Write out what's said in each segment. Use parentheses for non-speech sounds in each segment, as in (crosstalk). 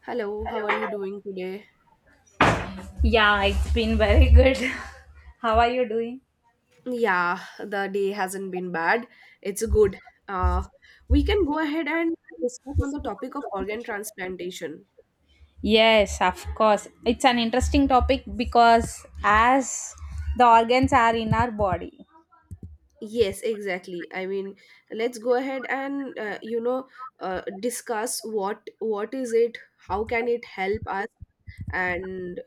Hello, how are you doing today? Yeah, it's been very good. (laughs) How are you doing? Yeah, the day hasn't been bad. It's good. Uh, we can go ahead and discuss on the topic of organ transplantation. Yes, of course. It's an interesting topic because as the organs are in our body. Yes, exactly. I mean, let's go ahead and discuss what is it, how can it help us, and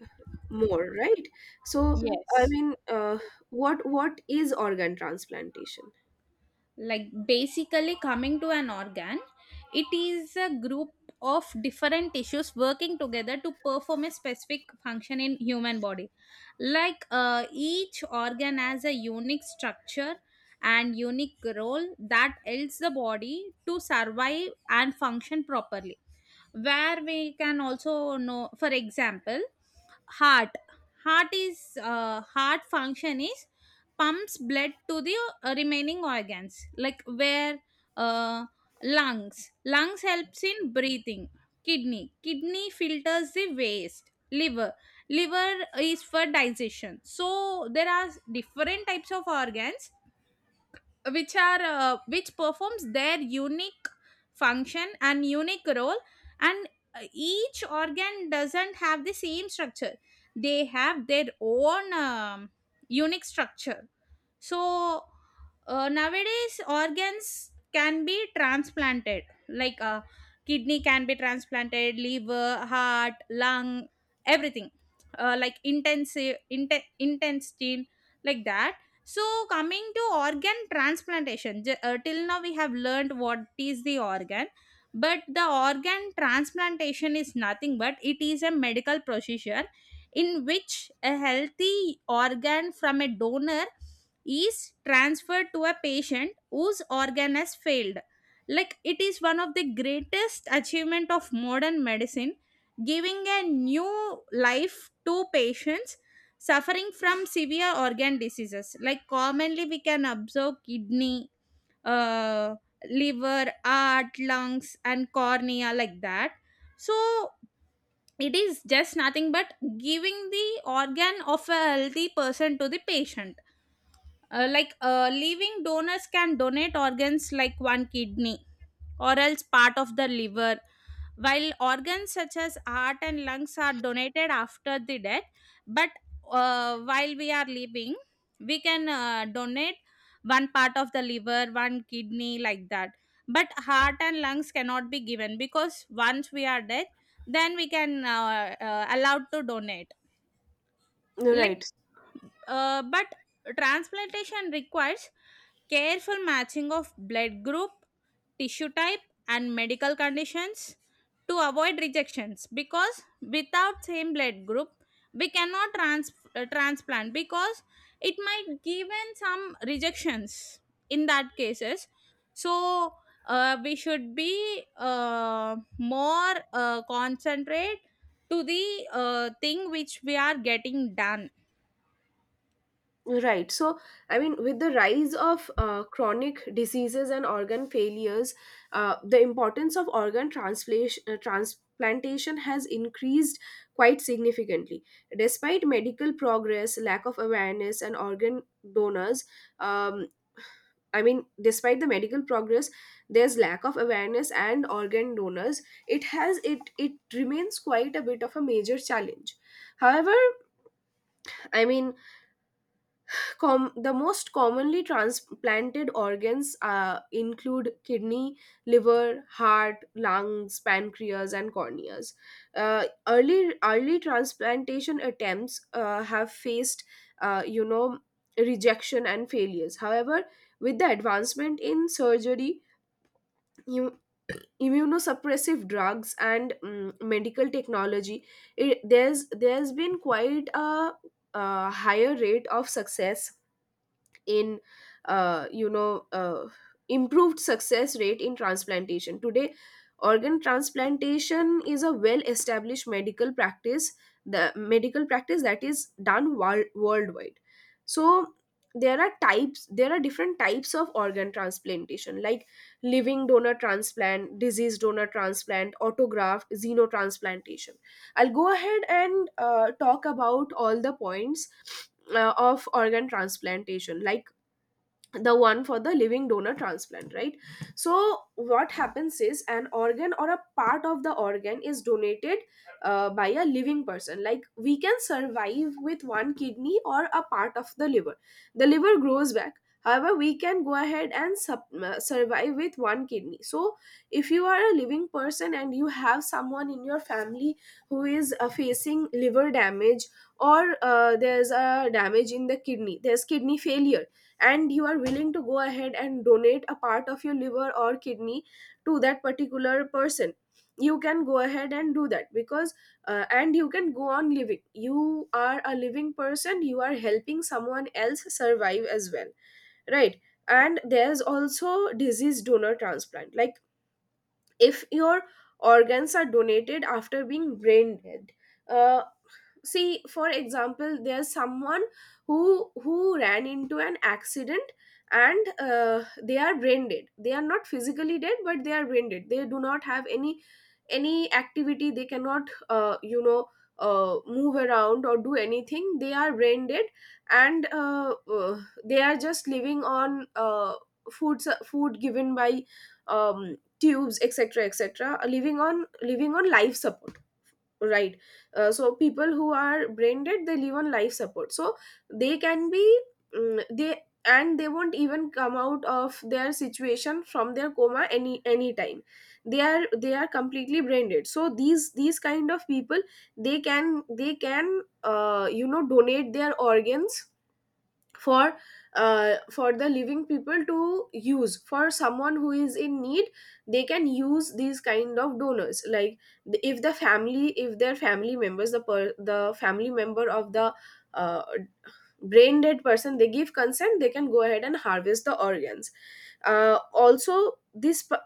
more, right? So, I Yes. mean, what is organ transplantation? Like basically, coming to an organ, it is a group of different tissues working together to perform a specific function in human body. Like, each organ has a unique structure and unique role that helps the body to survive and function properly. Where we can also know, for example, heart heart is heart function is pumps blood to the remaining organs, like where uh, lungs helps in breathing, kidney filters the waste, Liver is for digestion. So there are different types of organs which are, which performs their unique function and unique role. And each organ doesn't have the same structure. They have their own unique structure. So nowadays organs can be transplanted, like kidney can be transplanted, liver, heart, lung, everything. Like intestine, like that. So, coming to organ transplantation, till now we have learned what is the organ, but the organ transplantation is nothing but it is a medical procedure in which a healthy organ from a donor is transferred to a patient whose organ has failed. Like it is one of the greatest achievement of modern medicine, giving a new life to patients suffering from severe organ diseases. Like commonly we can observe kidney, uh, liver, heart, lungs, and cornea, like that. So it is just nothing but giving the organ of a healthy person to the patient. Like living donors can donate organs, like one kidney or else part of the liver, while organs such as heart and lungs are donated after the death. But while we are living, we can donate one part of the liver, one kidney, like that. But heart and lungs cannot be given because once we are dead, then we can allowed to donate. Like, Right. But transplantation requires careful matching of blood group, tissue type, and medical conditions to avoid rejections. Because without same blood group, we cannot transplant, because it might given some rejections in that cases. So we should be more concentrate to the thing which we are getting done. Right. So, I mean, with the rise of chronic diseases and organ failures, the importance of transplantation has increased quite significantly. Despite medical progress, lack of awareness, and organ donors, um, I mean, despite the medical progress, there's lack of awareness and organ donors. It has it it remains quite a bit of a major challenge. However, I mean the most commonly transplanted organs include kidney, liver, heart, lungs, pancreas, and corneas. Early transplantation attempts have faced, uh, you know, rejection and failures. However, with the advancement in surgery, you immunosuppressive drugs and medical technology it, there's been quite a higher rate of success in uh, you know uh, improved success rate in transplantation today. Organ transplantation is a well established medical practice, the medical practice that is done worldwide. So there are types, there are different types of organ transplantation, like living donor transplant, disease donor transplant, autograft, xenotransplantation. I'll go ahead and talk about all the points of organ transplantation, like the one for the living donor transplant, right? So what happens is an organ or a part of the organ is donated by a living person. Like we can survive with one kidney or a part of the liver. The liver grows back. However, we can go ahead and sub survive with one kidney. So if you are a living person and you have someone in your family who is facing liver damage, or there's a damage in the kidney, there's kidney failure, and you are willing to go ahead and donate a part of your liver or kidney to that particular person, you can go ahead and do that. Because and you can go on living, you are a living person, you are helping someone else survive as well, right? And there's also disease donor transplant, like if your organs are donated after being brain dead. uh, See for example, there's someone who ran into an accident, and they are brain dead. They are not physically dead, but they are brain dead. They do not have any activity. They cannot move around or do anything. They are brain dead. And they are just living on food given by tubes, etc., etc. Living on, living on life support, right? So people who are brain dead, they live on life support. So they can be, they and they won't even come out of their situation from their coma any time. They are, they are completely brain dead. So these kind of people, they can, they can donate their organs for for the living people to use, for someone who is in need. They can use these kind of donors. Like if the family, if their family members, the family member of the uh, brain dead person, they give consent, they can go ahead and harvest the organs. uh, also this p-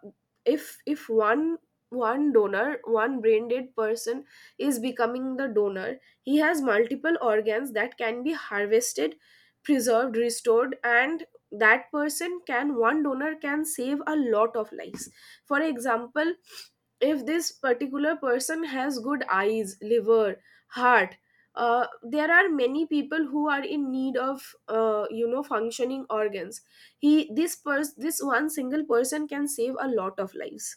if one, one donor, one brain dead person is becoming the donor, he has multiple organs that can be harvested, preserved, restored, and that person can, one donor can save a lot of lives. For example, if this particular person has good eyes, liver, heart, there are many people who are in need of functioning organs. He, this one single person can save a lot of lives.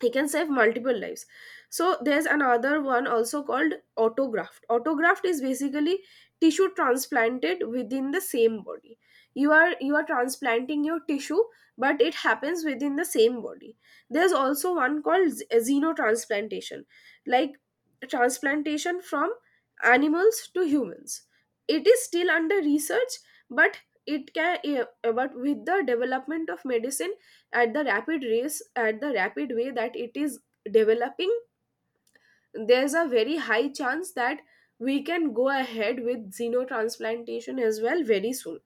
He can save multiple lives. So there's another one also called autograft. Autograft is basically tissue transplanted within the same body. You are, you are transplanting your tissue, but it happens within the same body. There's also one called xenotransplantation, like transplantation from animals to humans. It is still under research, but it can but with the development of medicine, at the rapid race, at the rapid way that it is developing, there's a very high chance that we can go ahead with xenotransplantation as well very soon.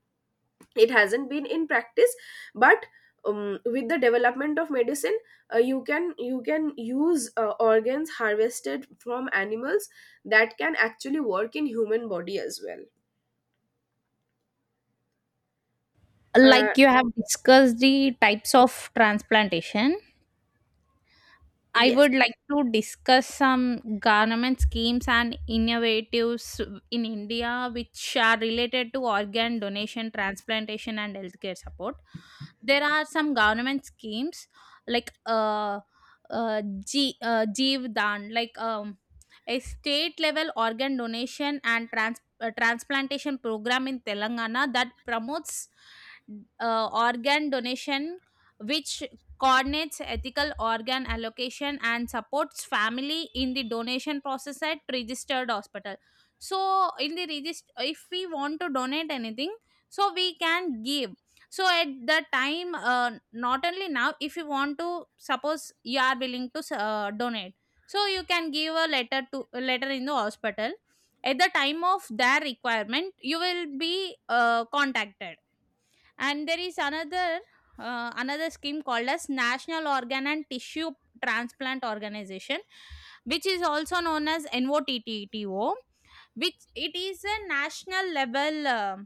It hasn't been in practice, but with the development of medicine, you can, you can use organs harvested from animals that can actually work in human body as well. uh, Like you have discussed the types of transplantation, I yes. would like to discuss some government schemes and innovatives in India which are related to organ donation, transplantation, and healthcare support. There are some government schemes like, Jeev Dan, like, a state level organ donation and transplantation program in Telangana that promotes organ donation, which coordinates ethical organ allocation and supports family in the donation process at registered hospital. So in the register, if we want to donate anything, so we can give. So at the time, not only now, if you want to, suppose you are willing to donate, so you can give a letter to a letter in the hospital. At the time of their requirement, you will be contacted. And there is another scheme called as National Organ and Tissue Transplant Organization, which is also known as NOTTTO, which it is a national level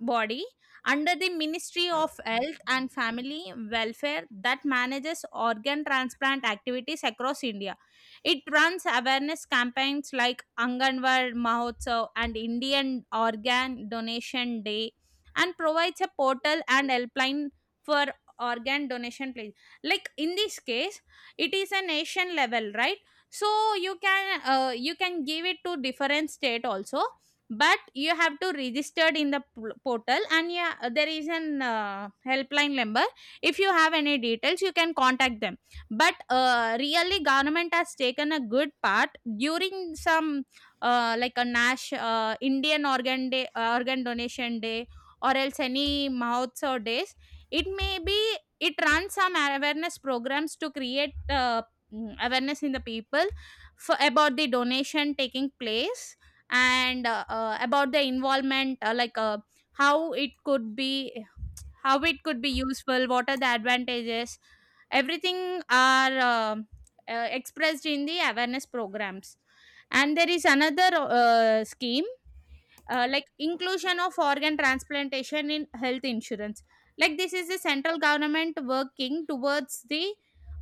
body under the Ministry of Health and Family Welfare that manages organ transplant activities across India. It runs awareness campaigns like Anganwad Mahotsav and Indian Organ Donation Day, and provides a portal and helpline for organ donation place. Like in this case, it is a nation level, right? So you can, you can give it to different state also. But you have to registered in the portal. And yeah, there is an helpline number. If you have any details, you can contact them. But really government has taken a good part during some, like a nash Indian Organ Day, Organ Donation Day, or else any mouths or days, it may be, it runs some awareness programs to create awareness in the people for, about the donation taking place. And about the involvement, like how it could be how it could be useful, what are the advantages, everything are expressed in the awareness programs. And there is another scheme, like inclusion of organ transplantation in health insurance. Like this is the central government working towards the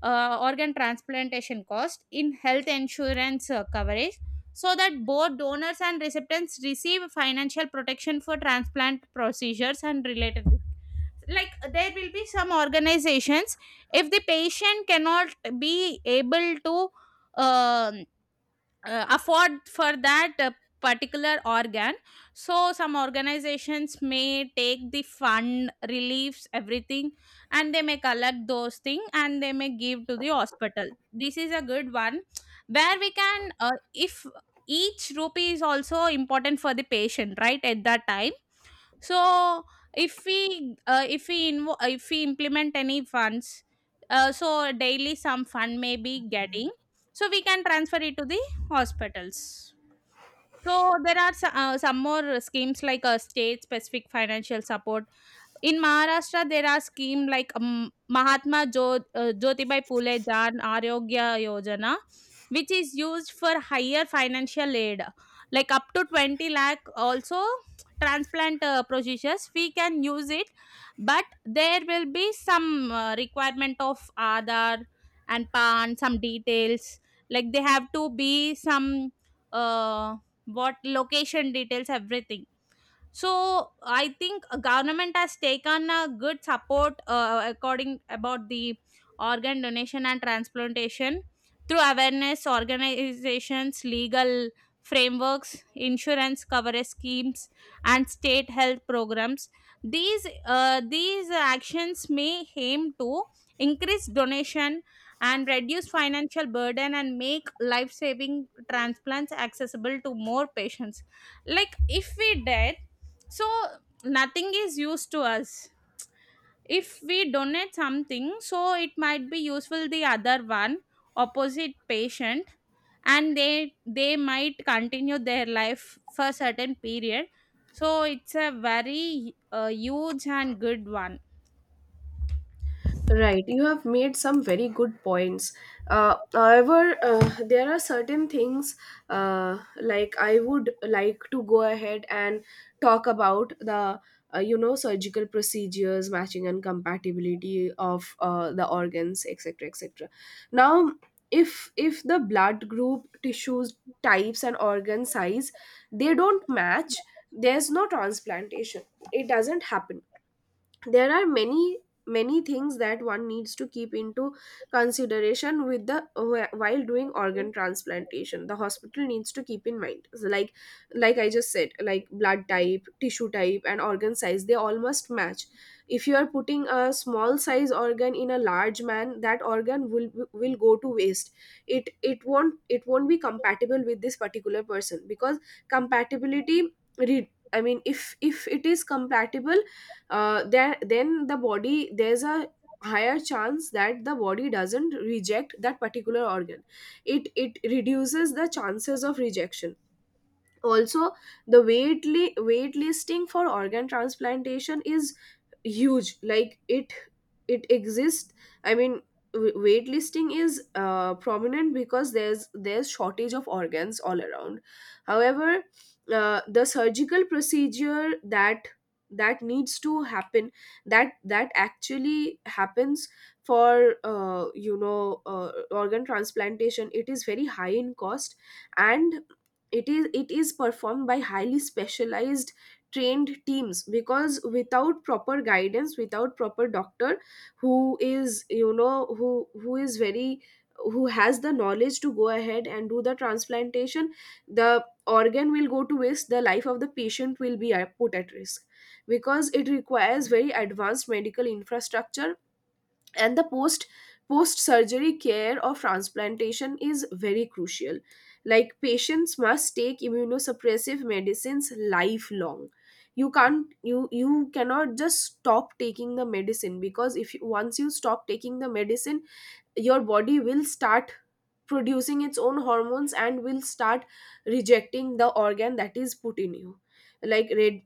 organ transplantation cost in health insurance coverage, so that both donors and recipients receive financial protection for transplant procedures and related. Like there will be some organizations. If the patient cannot be able to um afford for that particular organ, so some organizations may take the fund reliefs, everything, and they may collect those things and they may give to the hospital. This is a good one, where we can, if each rupee is also important for the patient, right, at that time. So if we if we implement any funds, so daily some fund may be getting, so we can transfer it to the hospitals. So there are some more schemes like, state specific financial support in Maharashtra. There are schemes like, Mahatma Jyotibai Phule Jan Arogya Yojana, which is used for higher financial aid, like up to 20 lakh. Also, (tsk) transplant procedures we can use it, but there will be some requirement of Aadhaar and PAN, some details. Like they have to be some, uh, what, location details, everything. So I think a government has taken a good support according about the organ donation and transplantation through awareness organizations, legal frameworks, insurance coverage schemes, and state health programs. These actions may aim to increase donation and reduce financial burden and make life saving transplants accessible to more patients. Like if we did, so nothing is used to us. If we donate something, so it might be useful, the other one, opposite patient, and they might continue their life for certain period. So it's a very huge and good one. Right, you have made some very good points. However, there are certain things like I would like to go ahead and talk about the surgical procedures, matching and compatibility of the organs, etc., etc. Now, if the blood group, tissues, types, and organ size they don't match, there's no transplantation. It doesn't happen. There are many many things that one needs to keep into consideration with the, while doing organ transplantation, the hospital needs to keep in mind. So like I just said, like blood type, tissue type and organ size, they all must match. If you are putting a small size organ in a large man, that organ will go to waste. It, it won't be compatible with this particular person, because compatibility, I mean, if it is compatible, there, then the body, there's a higher chance that the body doesn't reject that particular organ. It reduces the chances of rejection. Also, the wait listing for organ transplantation is huge. Like it exists. I mean, wait listing is prominent because there's shortage of organs all around. However, the surgical procedure that, that needs to happen, that that actually happens for organ transplantation, it is very high in cost. And it is, it is performed by highly specialized trained teams, because without proper guidance, without proper doctor who is, you know, who who is very, who has the knowledge to go ahead and do the transplantation, the organ will go to waste, the life of the patient will be put at risk, because it requires very advanced medical infrastructure. And the post surgery care of transplantation is very crucial. Like patients must take immunosuppressive medicines lifelong. You can't, you cannot just stop taking the medicine, because if you, once you stop taking the medicine, your body will start producing its own hormones and will start rejecting the organ that is put in you. Like red,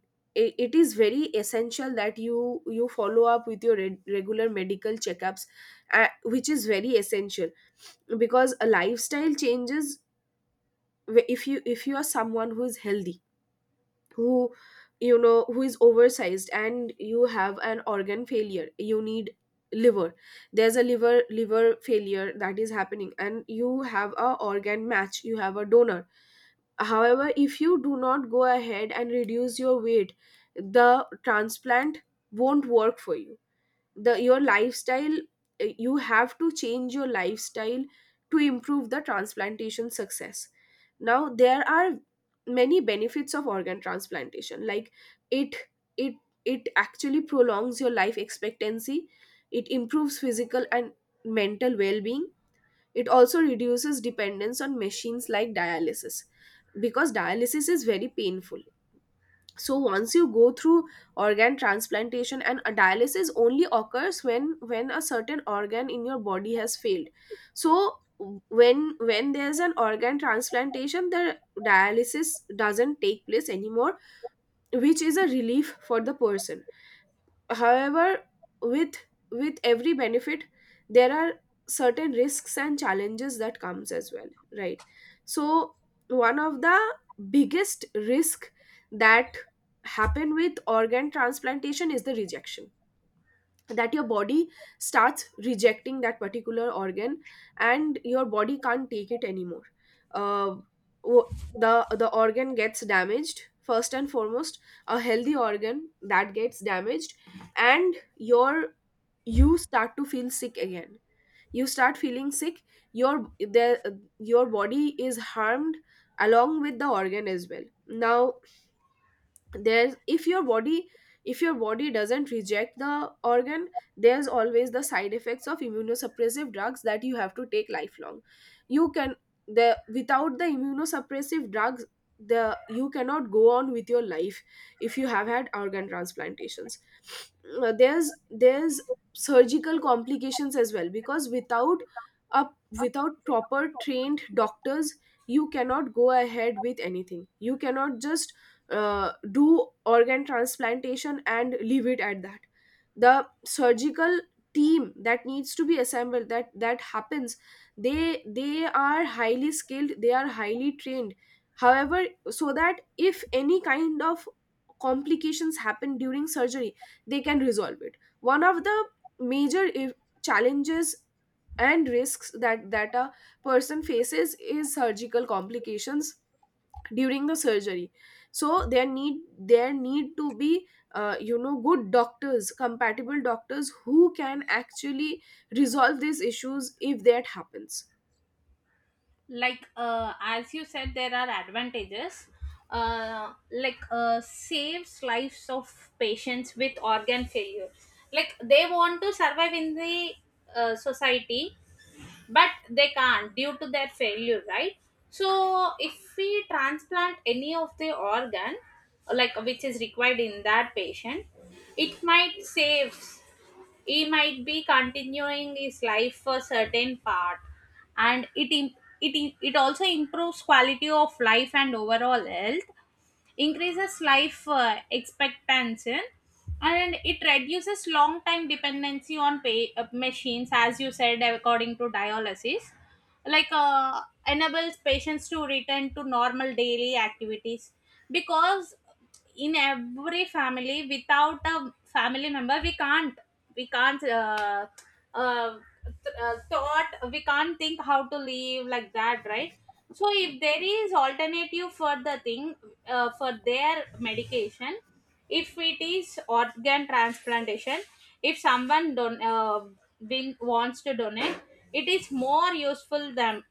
it is very essential that you follow up with your regular medical checkups, which is very essential. Because a lifestyle changes, if you, if you are someone who is healthy, who, you know, who is oversized, and you have an organ failure, you need liver, there's a liver failure that is happening and you have a organ match, you have a donor. However, if you do not go ahead and reduce your weight, the transplant won't work for you. The, your lifestyle, you have to change your lifestyle to improve the transplantation success. Now there are many benefits of organ transplantation, like it it it actually prolongs your life expectancy. It improves physical and mental well-being. It also reduces dependence on machines like dialysis, because dialysis is very painful. So once you go through organ transplantation, and a dialysis only occurs when a certain organ in your body has failed. So when there's an organ transplantation, the dialysis doesn't take place anymore, which is a relief for the person. However, with with every benefit, there are certain risks and challenges that comes as well, right? So one of the biggest risk that happen with organ transplantation is the rejection that your body starts rejecting that particular organ and your body can't take it anymore. Uh, wo- the the organ gets damaged first and foremost, a healthy organ that gets damaged, and you start to feel sick again. You start feeling sick, your body is harmed along with the organ as well. Now there's if your body, if your body doesn't reject the organ, there's always the side effects of immunosuppressive drugs that you have to take lifelong. You can the Without the immunosuppressive drugs, the you cannot go on with your life if you have had organ transplantations. There's surgical complications as well, because without a without proper trained doctors you cannot go ahead with anything. You cannot just do organ transplantation and leave it at that. The surgical team that needs to be assembled, that happens. They are highly skilled, they are highly trained, however, so that if any kind of complications happen during surgery they can resolve it. One of the major challenges and risks that a person faces is surgical complications during the surgery. So there need to be you know, good doctors, compatible doctors, who can actually resolve these issues if that happens. Like as you said, there are advantages, like saves lives of patients with organ failure. Like they want to survive in the society, but they can't due to their failure, right? So if we transplant any of the organ, like which is required in that patient, it might save. He might be continuing his life for certain part. And it also improves quality of life and overall health, increases life expectancy, and it reduces long time dependency on machines, as you said, according to dialysis. Like enables patients to return to normal daily activities. Because in every family, without a family member, we can't uh, th- thought we can't think how to live like that, right? So if there is alternative for the thing, for their medication, if it is organ transplantation, if someone don being wants to donate, it is more useful than,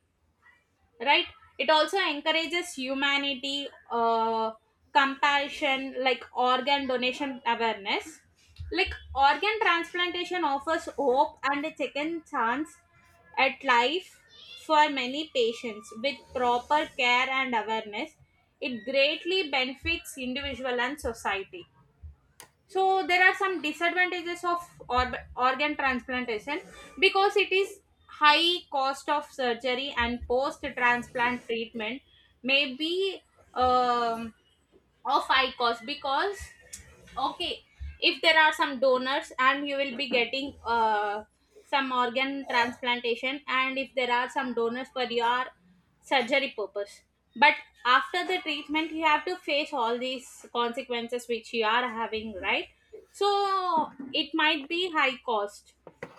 right? It also encourages humanity, compassion, like organ donation awareness. Like organ transplantation offers hope and a second chance at life for many patients. With proper care and awareness, it greatly benefits individual and society. So there are some disadvantages of orb organ transplantation, because it is high cost of surgery and post transplant treatment, may be, um, of high cost. Because, okay, if there are some donors and you will be getting some organ transplantation, and if there are some donors for your surgery purpose, but after the treatment you have to face all these consequences which you are having, right? So it might be high cost.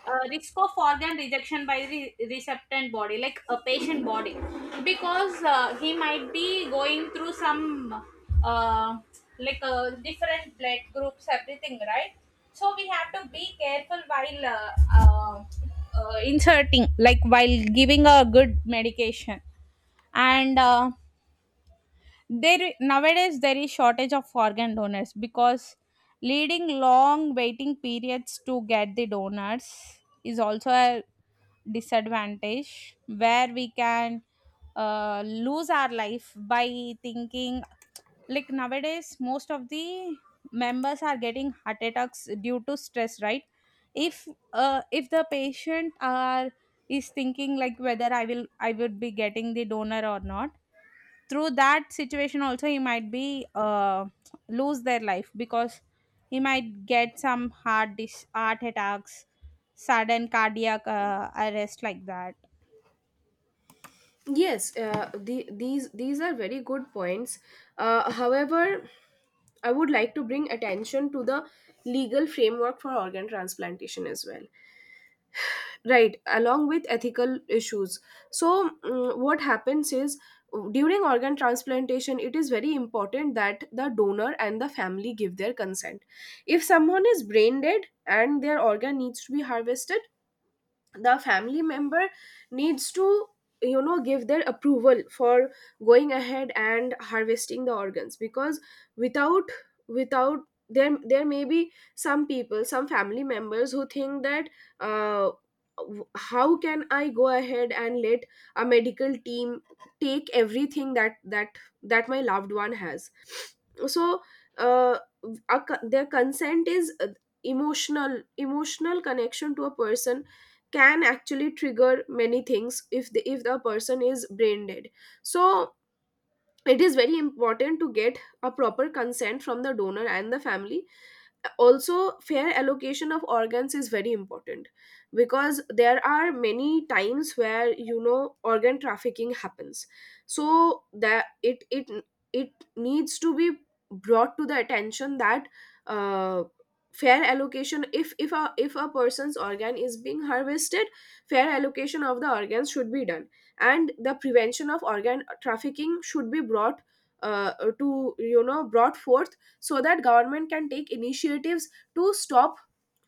Risk of organ rejection by the receptant body, like a patient body. Because he might be going through some, uh, like, different blood groups, everything, right? So we have to be careful while uh, inserting, like while giving a good medication. And there, nowadays there is shortage of organ donors. Because leading long waiting periods to get the donors is also a disadvantage, where we can lose our life by thinking. Like nowadays most of the members are getting heart attacks due to stress, right? If uh, if the patient are is thinking, like whether I would be getting the donor or not, through that situation also, he might be lose their life. Because he might get some heart attacks, sudden cardiac arrest, like that. Yes, these are very good points. However, I would like to bring attention to the legal framework for organ transplantation as well, right, along with ethical issues. So what happens is, during organ transplantation it is very important that the donor and the family give their consent. If someone is brain dead and their organ needs to be harvested, the family member needs to, you know, give their approval for going ahead and harvesting the organs, because without, without, there there may be some people, some family members who think that, uh, how can I go ahead and let a medical team take everything that that my loved one has. So uh, their consent is emotional. Emotional connection to a person can actually trigger many things if the, if the person is brain dead. So it is very important to get a proper consent from the donor and the family. Also, fair allocation of organs is very important, because there are many times where, you know, organ trafficking happens. So that it it needs to be brought to the attention that, uh, fair allocation, if a, if a person's organ is being harvested, fair allocation of the organs should be done, and the prevention of organ trafficking should be brought, uh, to, you know, brought forth, so that government can take initiatives to stop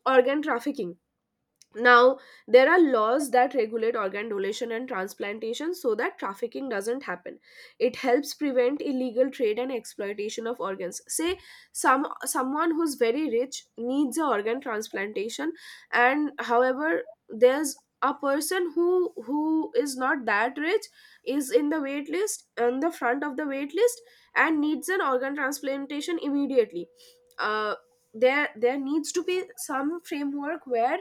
organ trafficking. Now, there are laws that regulate organ donation and transplantation so that trafficking doesn't happen. It helps prevent illegal trade and exploitation of organs. Say some, someone who's very rich needs a organ transplantation, and however there's a person who is not that rich, is in the wait list, on the front of the wait list, and needs an organ transplantation immediately. Uh, there, there needs to be some framework where,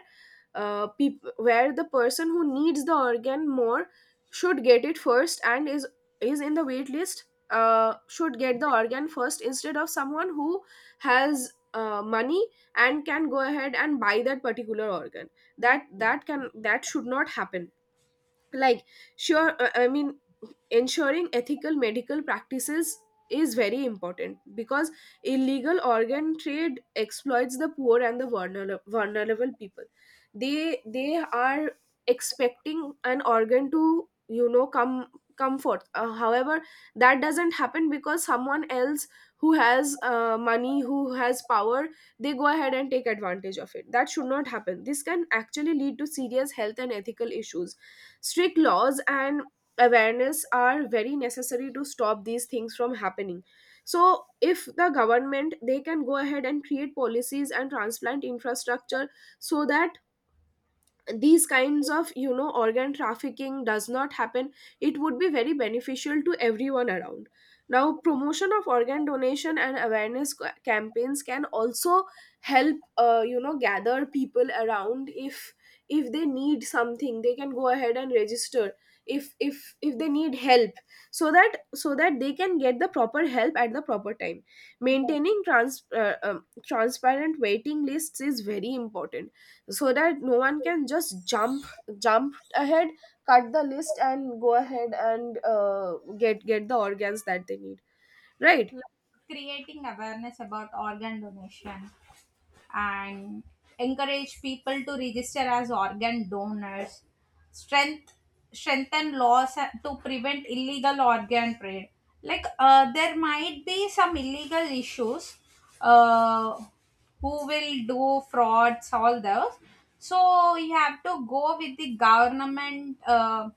where the person who needs the organ more should get it first and is in the wait list, should get the organ first instead of someone who has, money and can go ahead and buy that particular organ. That can, that should not happen. Like sure, I mean, ensuring ethical medical practices is very important, because illegal organ trade exploits the poor and the vulnerable, vulnerable people. They are expecting an organ to, you know, come, come forth. However, that doesn't happen because someone else who has, money, who has power, they go ahead and take advantage of it. That should not happen. This can actually lead to serious health and ethical issues. Strict laws and awareness are very necessary to stop these things from happening. So if the government, they can go ahead and create policies and transplant infrastructure, so that these kinds of, you know, organ trafficking does not happen, it would be very beneficial to everyone around. Now, promotion of organ donation and awareness campaigns can also help, you know, gather people around. If they need something, they can go ahead and register. If if they need help, so that so that they can get the proper help at the proper time. Maintaining transparent waiting lists is very important, so that no one can just jump, jump ahead, cut the list and go ahead and get the organs that they need, right? Like creating awareness about organ donation and encourage people to register as organ donors. strength Strengthen laws to prevent illegal organ trade. Like, there might be some illegal issues, uh, who will do frauds, all those. So you have to go with the government,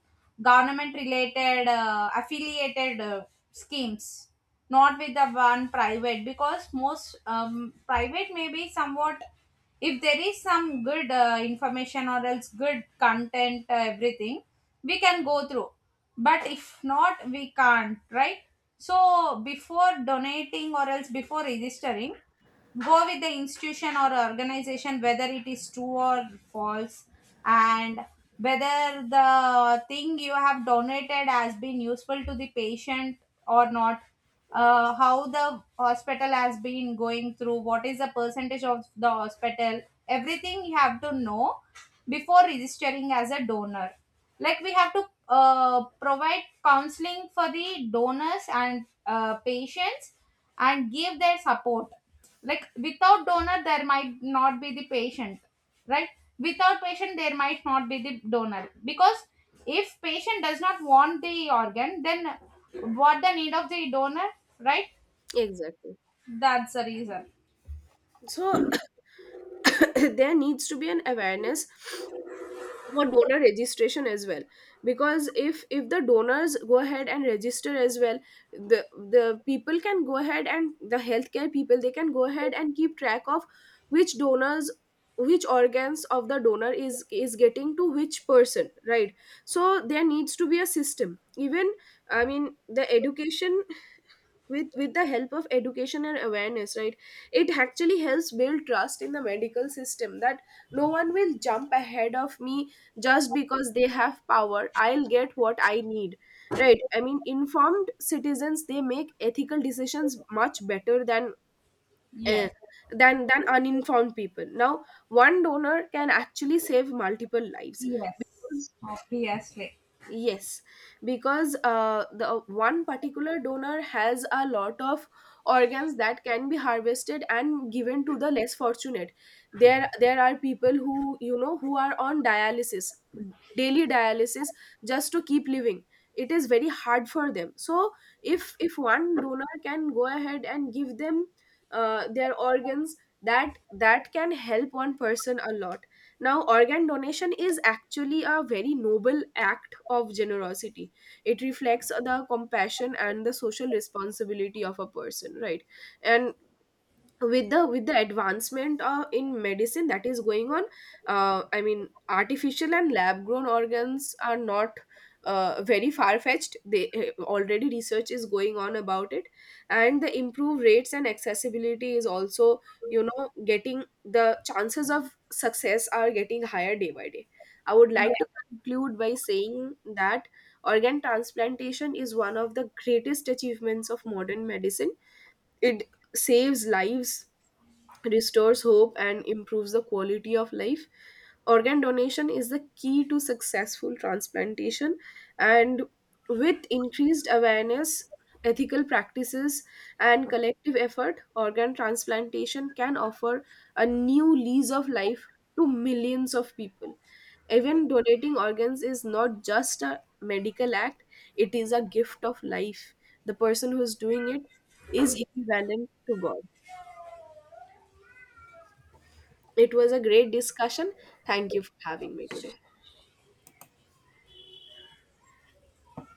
government related, affiliated schemes, not with the one private. Because most, private may be somewhat, if there is some good information or else good content, everything we can go through. But if not, we can't, right? So before donating or else before registering, go with the institution or organization, whether it is true or false, and whether the thing you have donated has been useful to the patient or not, how the hospital has been going through, what is the percentage of the hospital, everything you have to know before registering as a donor. Like we have to provide counseling for the donors and patients, and give their support. Like without donor, there might not be the patient, right? Without patient, there might not be the donor. Because if patient does not want the organ, then what the need of the donor, right? Exactly. That's the reason. So (coughs) (clears throat) there needs to be an awareness for donor registration as well, because if the donors go ahead and register as well, the the people can go ahead, and the healthcare people, they can go ahead and keep track of which donors, which organs of the donor is getting to which person, right? So there needs to be a system. Even, I mean, the education, with the help of education and awareness, right, it actually helps build trust in the medical system, that no one will jump ahead of me just because they have power, I'll get what I need, right? I mean, informed citizens, they make ethical decisions much better than, eh, Yes. than uninformed people. Now, one donor can actually save multiple lives, Yes, because obviously. Yes, because the one particular donor has a lot of organs that can be harvested and given to the less fortunate. There are people who, you know, who are on dialysis, daily dialysis, just to keep living. It is very hard for them. So, if one donor can go ahead and give them, their organs, that can help one person a lot. Now, organ donation is actually a very noble act of generosity. It reflects the compassion and the social responsibility of a person, right? And with the, with the advancement, in medicine, that is going on, I mean, artificial and lab grown organs are not very far fetched. They already research is going on about it, and the improved rates and accessibility is also, you know, getting, the chances of success are getting higher day by day. I would like to conclude by saying that organ transplantation is one of the greatest achievements of modern medicine. It saves lives, restores hope and improves the quality of life. Organ donation is the key to successful transplantation, and with increased awareness, ethical practices, and collective effort, organ transplantation can offer a new lease of life to millions of people. Even donating organs is not just a medical act, it is a gift of life. The person who is doing it is equivalent to God. It was a great discussion. Thank you for having me today.